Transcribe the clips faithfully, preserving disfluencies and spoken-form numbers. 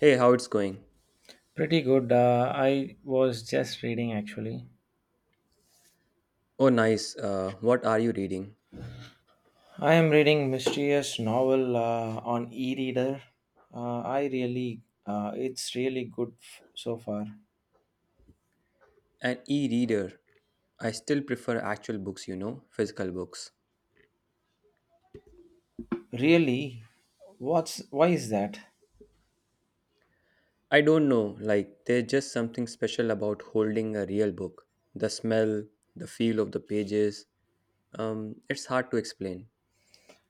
Hey, how it's going? Pretty good. Uh, I was just reading actually. Oh, nice. Uh, what are you reading? I am reading mysterious novel uh, on e-reader. Uh, I really, uh, it's really good f- so far. An e-reader. I still prefer actual books, you know, physical books. Really, what's why is that? I don't know, like there's just something special about holding a real book. The smell, the feel of the pages. Um, it's hard to explain.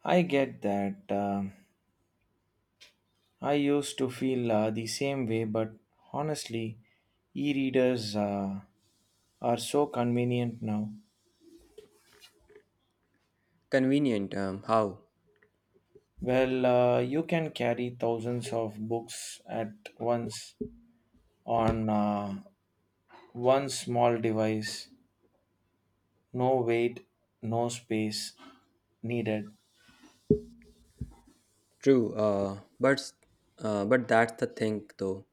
I get that. um I used to feel uh, the same way, but honestly, e-readers uh, are so convenient now. Convenient, um, how? Well, uh, you can carry thousands of books at once on uh, One small device, no weight, no space needed. True, uh, but uh, but that's the thing though.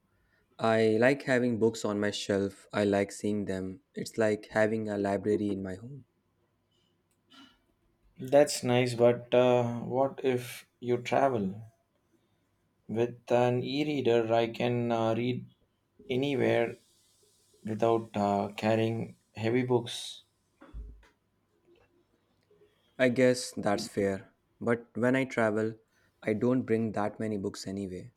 I like having books on my shelf. I like seeing them. It's like having a library in my home. That's nice, but uh, what if you travel? With an e reader, I can uh, read anywhere without uh, carrying heavy books. I guess that's fair. But when I travel, I don't bring that many books anyway.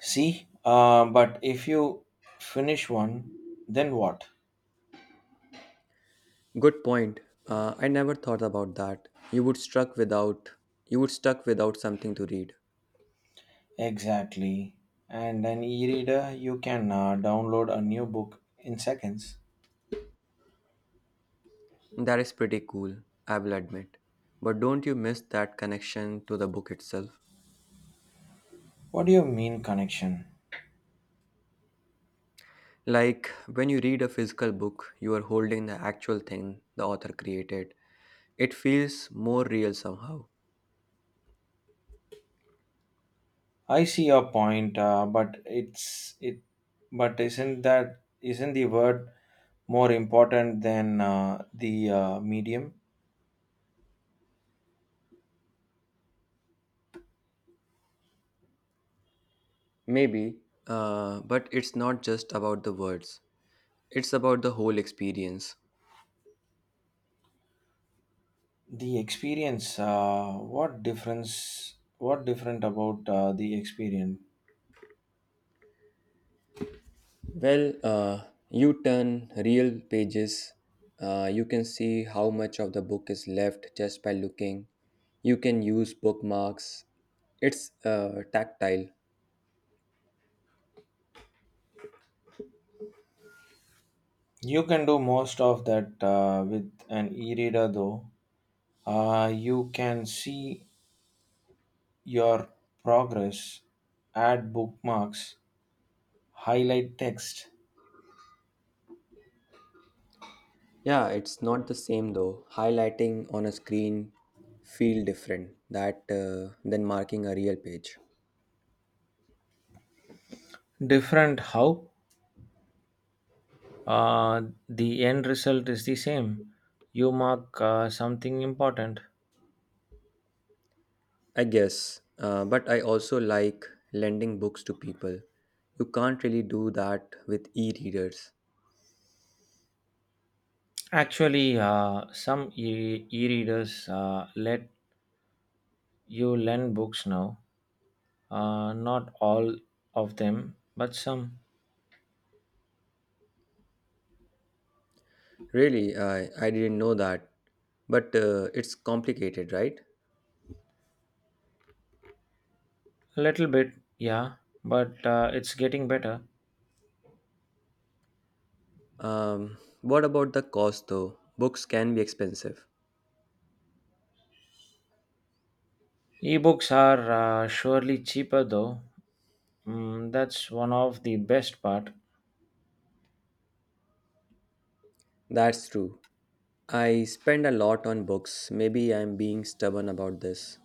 See? Uh, but if you finish one, then what? Good point. Uh, I never thought about that. You would struck without you would stuck without something to read. Exactly. And an e reader, you can uh, download a new book in seconds. That is pretty cool, I will admit. But don't you miss that connection to the book itself? What do you mean, connection? Like when you read a physical book, you are holding the actual thing the author created. It feels more real somehow. I see your point, uh, but it's it, but isn't that isn't the word more important than uh, the uh, medium? Maybe, uh, but it's not just about the words. It's about the whole experience. The experience. Uh, what difference? What different about uh, the experience? Well, uh, you turn real pages, uh, you can see how much of the book is left just by looking. You can use bookmarks. It's uh, tactile. You can do most of that uh, with an e-reader, though. Uh, you can see your progress, add bookmarks, highlight text. Yeah, it's not the same though. Highlighting on a screen feel different that uh, than marking a real page. Different how? uh, the end result is the same. You mark uh, something important. I guess, uh, but I also like lending books to people. You can't really do that with e-readers. Actually, uh, some e readers uh, let you lend books now. Uh, not all of them, but some. Really, I, I didn't know that. But uh, it's complicated, right? A little bit, yeah, but uh, it's getting better. Um, what about the cost though? Books can be expensive. Ebooks are uh, surely cheaper though. Mm, that's one of the best part. That's true. I spend a lot on books. Maybe I'm being stubborn about this.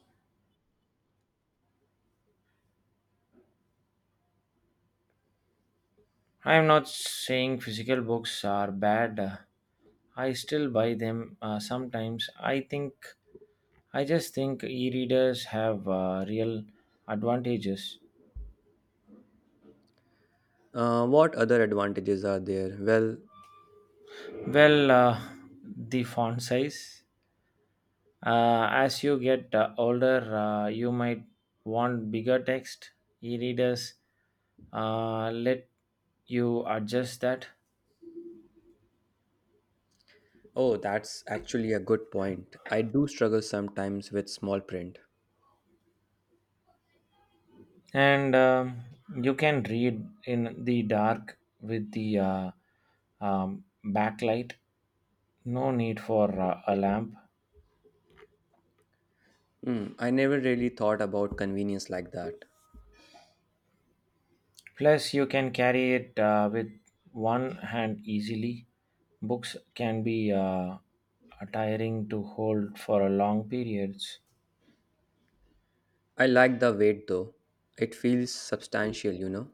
I'm not saying physical books are bad. I still buy them uh, sometimes. I think I just think e-readers have uh, real advantages. Uh, what other advantages are there? Well, Well, uh, the font size. Uh, as you get uh, older, uh, you might want bigger text. E-readers uh, let you adjust that, oh, that's actually a good point. I do struggle sometimes with small print. and um, you can read in the dark with the uh, um, backlight. No need for uh, a lamp. Hmm, I never really thought about convenience like that. Plus, you can carry it uh, with one hand easily. Books can be uh, tiring to hold for a long periods. I like the weight though. It feels substantial, you know.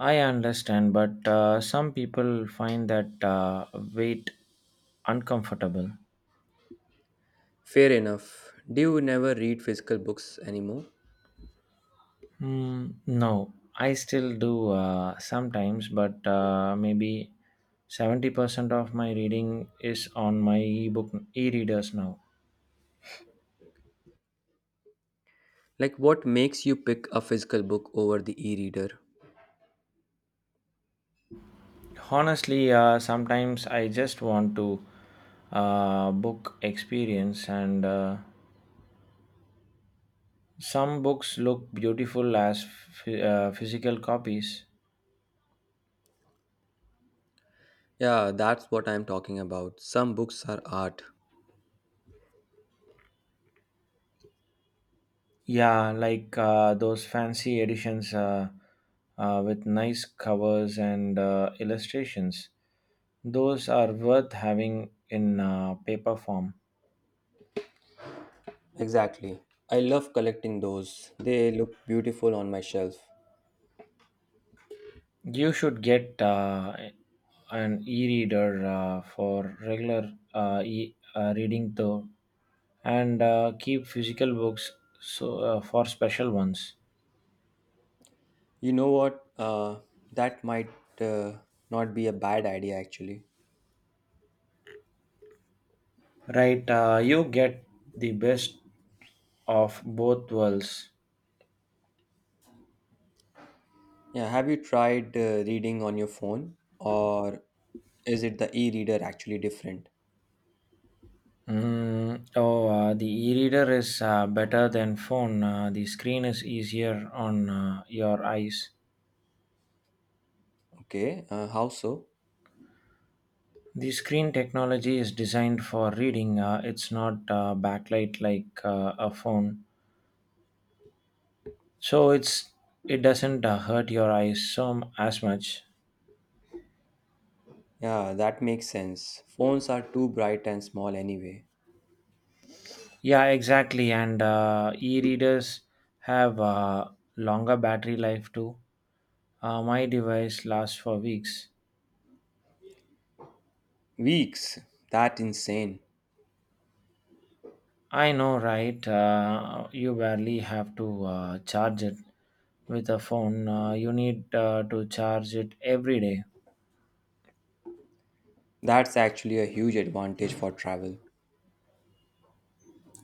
I understand, but uh, some people find that uh, weight uncomfortable. Fair enough. Do you never read physical books anymore? Hmm, no, I still do uh, sometimes, but uh, maybe seventy percent of my reading is on my ebook e-readers now. Like, what makes you pick a physical book over the e reader? Honestly, uh, sometimes I just want to uh, book experience, and uh, some books look beautiful as phy- uh, physical copies. Yeah, that's what I'm talking about. Some books are art. Yeah, like uh, those fancy editions uh, uh, with nice covers and uh, illustrations. Those are worth having in uh, paper form. Exactly. I love collecting those. They look beautiful on my shelf. You should get uh, an e reader uh, for regular uh, e- uh, reading, though. And uh, keep physical books so uh, for special ones. You know what? Uh, that might uh, not be a bad idea actually. Right, uh, you get the best of both worlds. Yeah, have you tried uh, reading on your phone or is it the e reader actually different? Mm, oh, uh, the e-reader is uh, better than phone. Uh, the screen is easier on uh, your eyes. Okay, uh, how so? The screen technology is designed for reading. Uh, it's not uh, backlight like uh, a phone, so it's it doesn't uh, hurt your eyes so m- as much. Yeah, that makes sense. Phones are too bright and small anyway. Yeah, exactly. And uh, e-readers have uh, longer battery life too. Uh, my device lasts for weeks. Weeks. That insane. I know, right? Uh, you barely have to uh, charge it with a phone. Uh, you need uh, to charge it every day. That's actually a huge advantage for travel.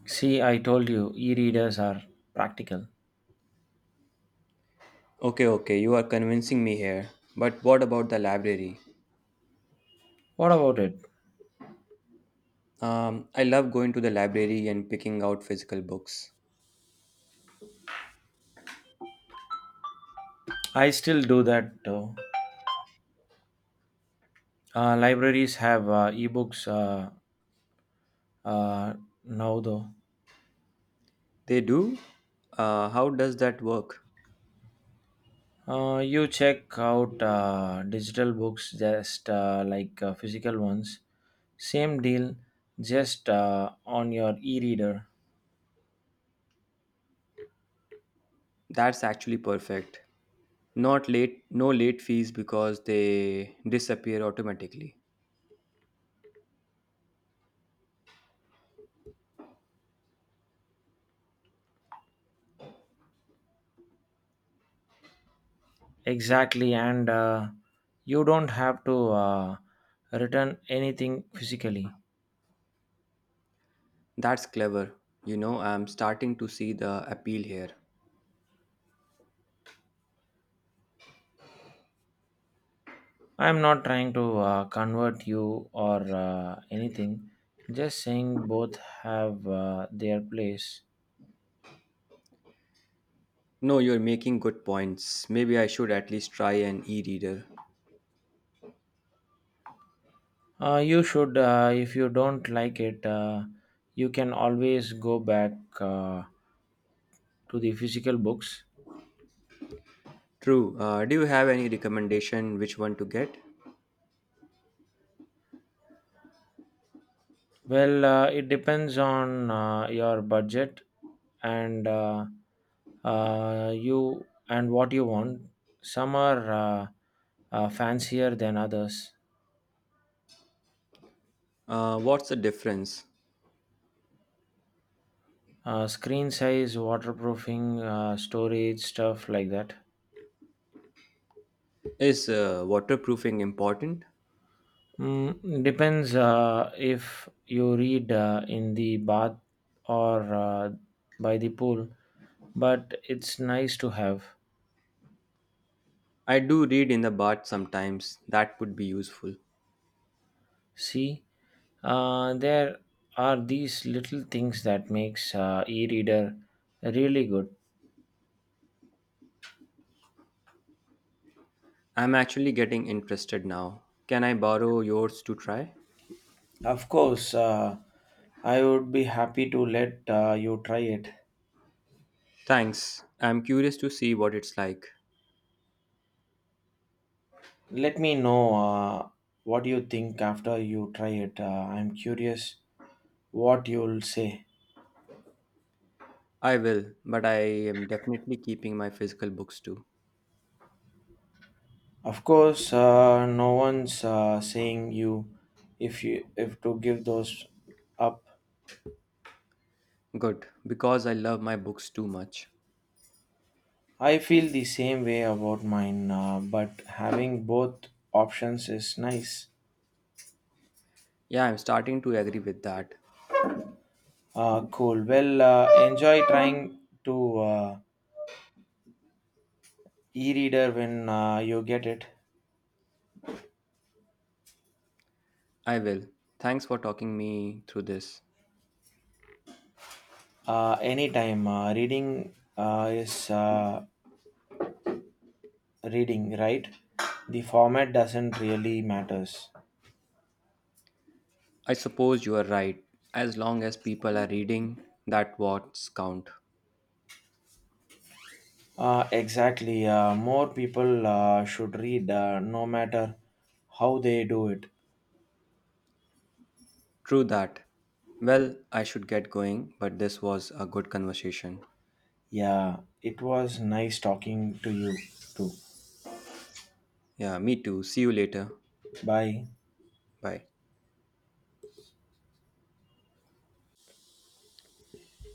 See, I told you, e-readers are practical. Okay, okay, you are convincing me here. But what about the library? What about it? Um, I love going to the library and picking out physical books. I still do that though. Uh, libraries have uh, ebooks uh, uh, now though. They do? Uh, how does that work? Uh, you check out uh, digital books just uh, like uh, physical ones. Same deal, just uh, on your e reader. That's actually perfect. Not late, No late fees because they disappear automatically. Exactly, and uh, you don't have to uh, return anything physically. That's clever. You know, I'm starting to see the appeal here. I'm not trying to uh, convert you or uh, anything, just saying both have uh, their place. No, you're making good points. Maybe I should at least try an e-reader. Uh, you should, uh, if you don't like it, uh, you can always go back uh, to the physical books. True. Uh, do you have any recommendation which one to get? Well, uh, it depends on uh, your budget and uh, uh, you and what you want. Some are uh, uh, fancier than others. Uh, what's the difference? Uh, screen size, waterproofing, uh, storage, stuff like that. Is uh, waterproofing important? Mm, depends uh, if you read uh, in the bath or uh, by the pool, but it's nice to have. I do read in the bath sometimes. That would be useful. See, uh, there are these little things that makes uh, e-reader really good. I'm actually getting interested now. Can I borrow yours to try? Of course, uh, I would be happy to let uh, you try it. Thanks. I'm curious to see what it's like. Let me know uh, what you think after you try it. Uh, I'm curious what you'll say. I will, but I am definitely keeping my physical books too. Of course, uh, no one's uh, saying you if you if to give those up. Good, because I love my books too much. I feel the same way about mine, uh, but having both options is nice. Yeah, I'm starting to agree with that. Uh, cool. Well, uh, enjoy trying to uh, e-reader when uh, you get it. I will. Thanks for talking me through this. Uh, anytime uh, reading uh, is uh, reading, right? The format doesn't really matters. I suppose you are right. As long as people are reading, that what's count. Uh, exactly. Uh, more people uh, should read, uh, no matter how they do it. True that. Well, I should get going, but this was a good conversation. Yeah, it was nice talking to you too. Yeah, me too. See you later. Bye. Bye.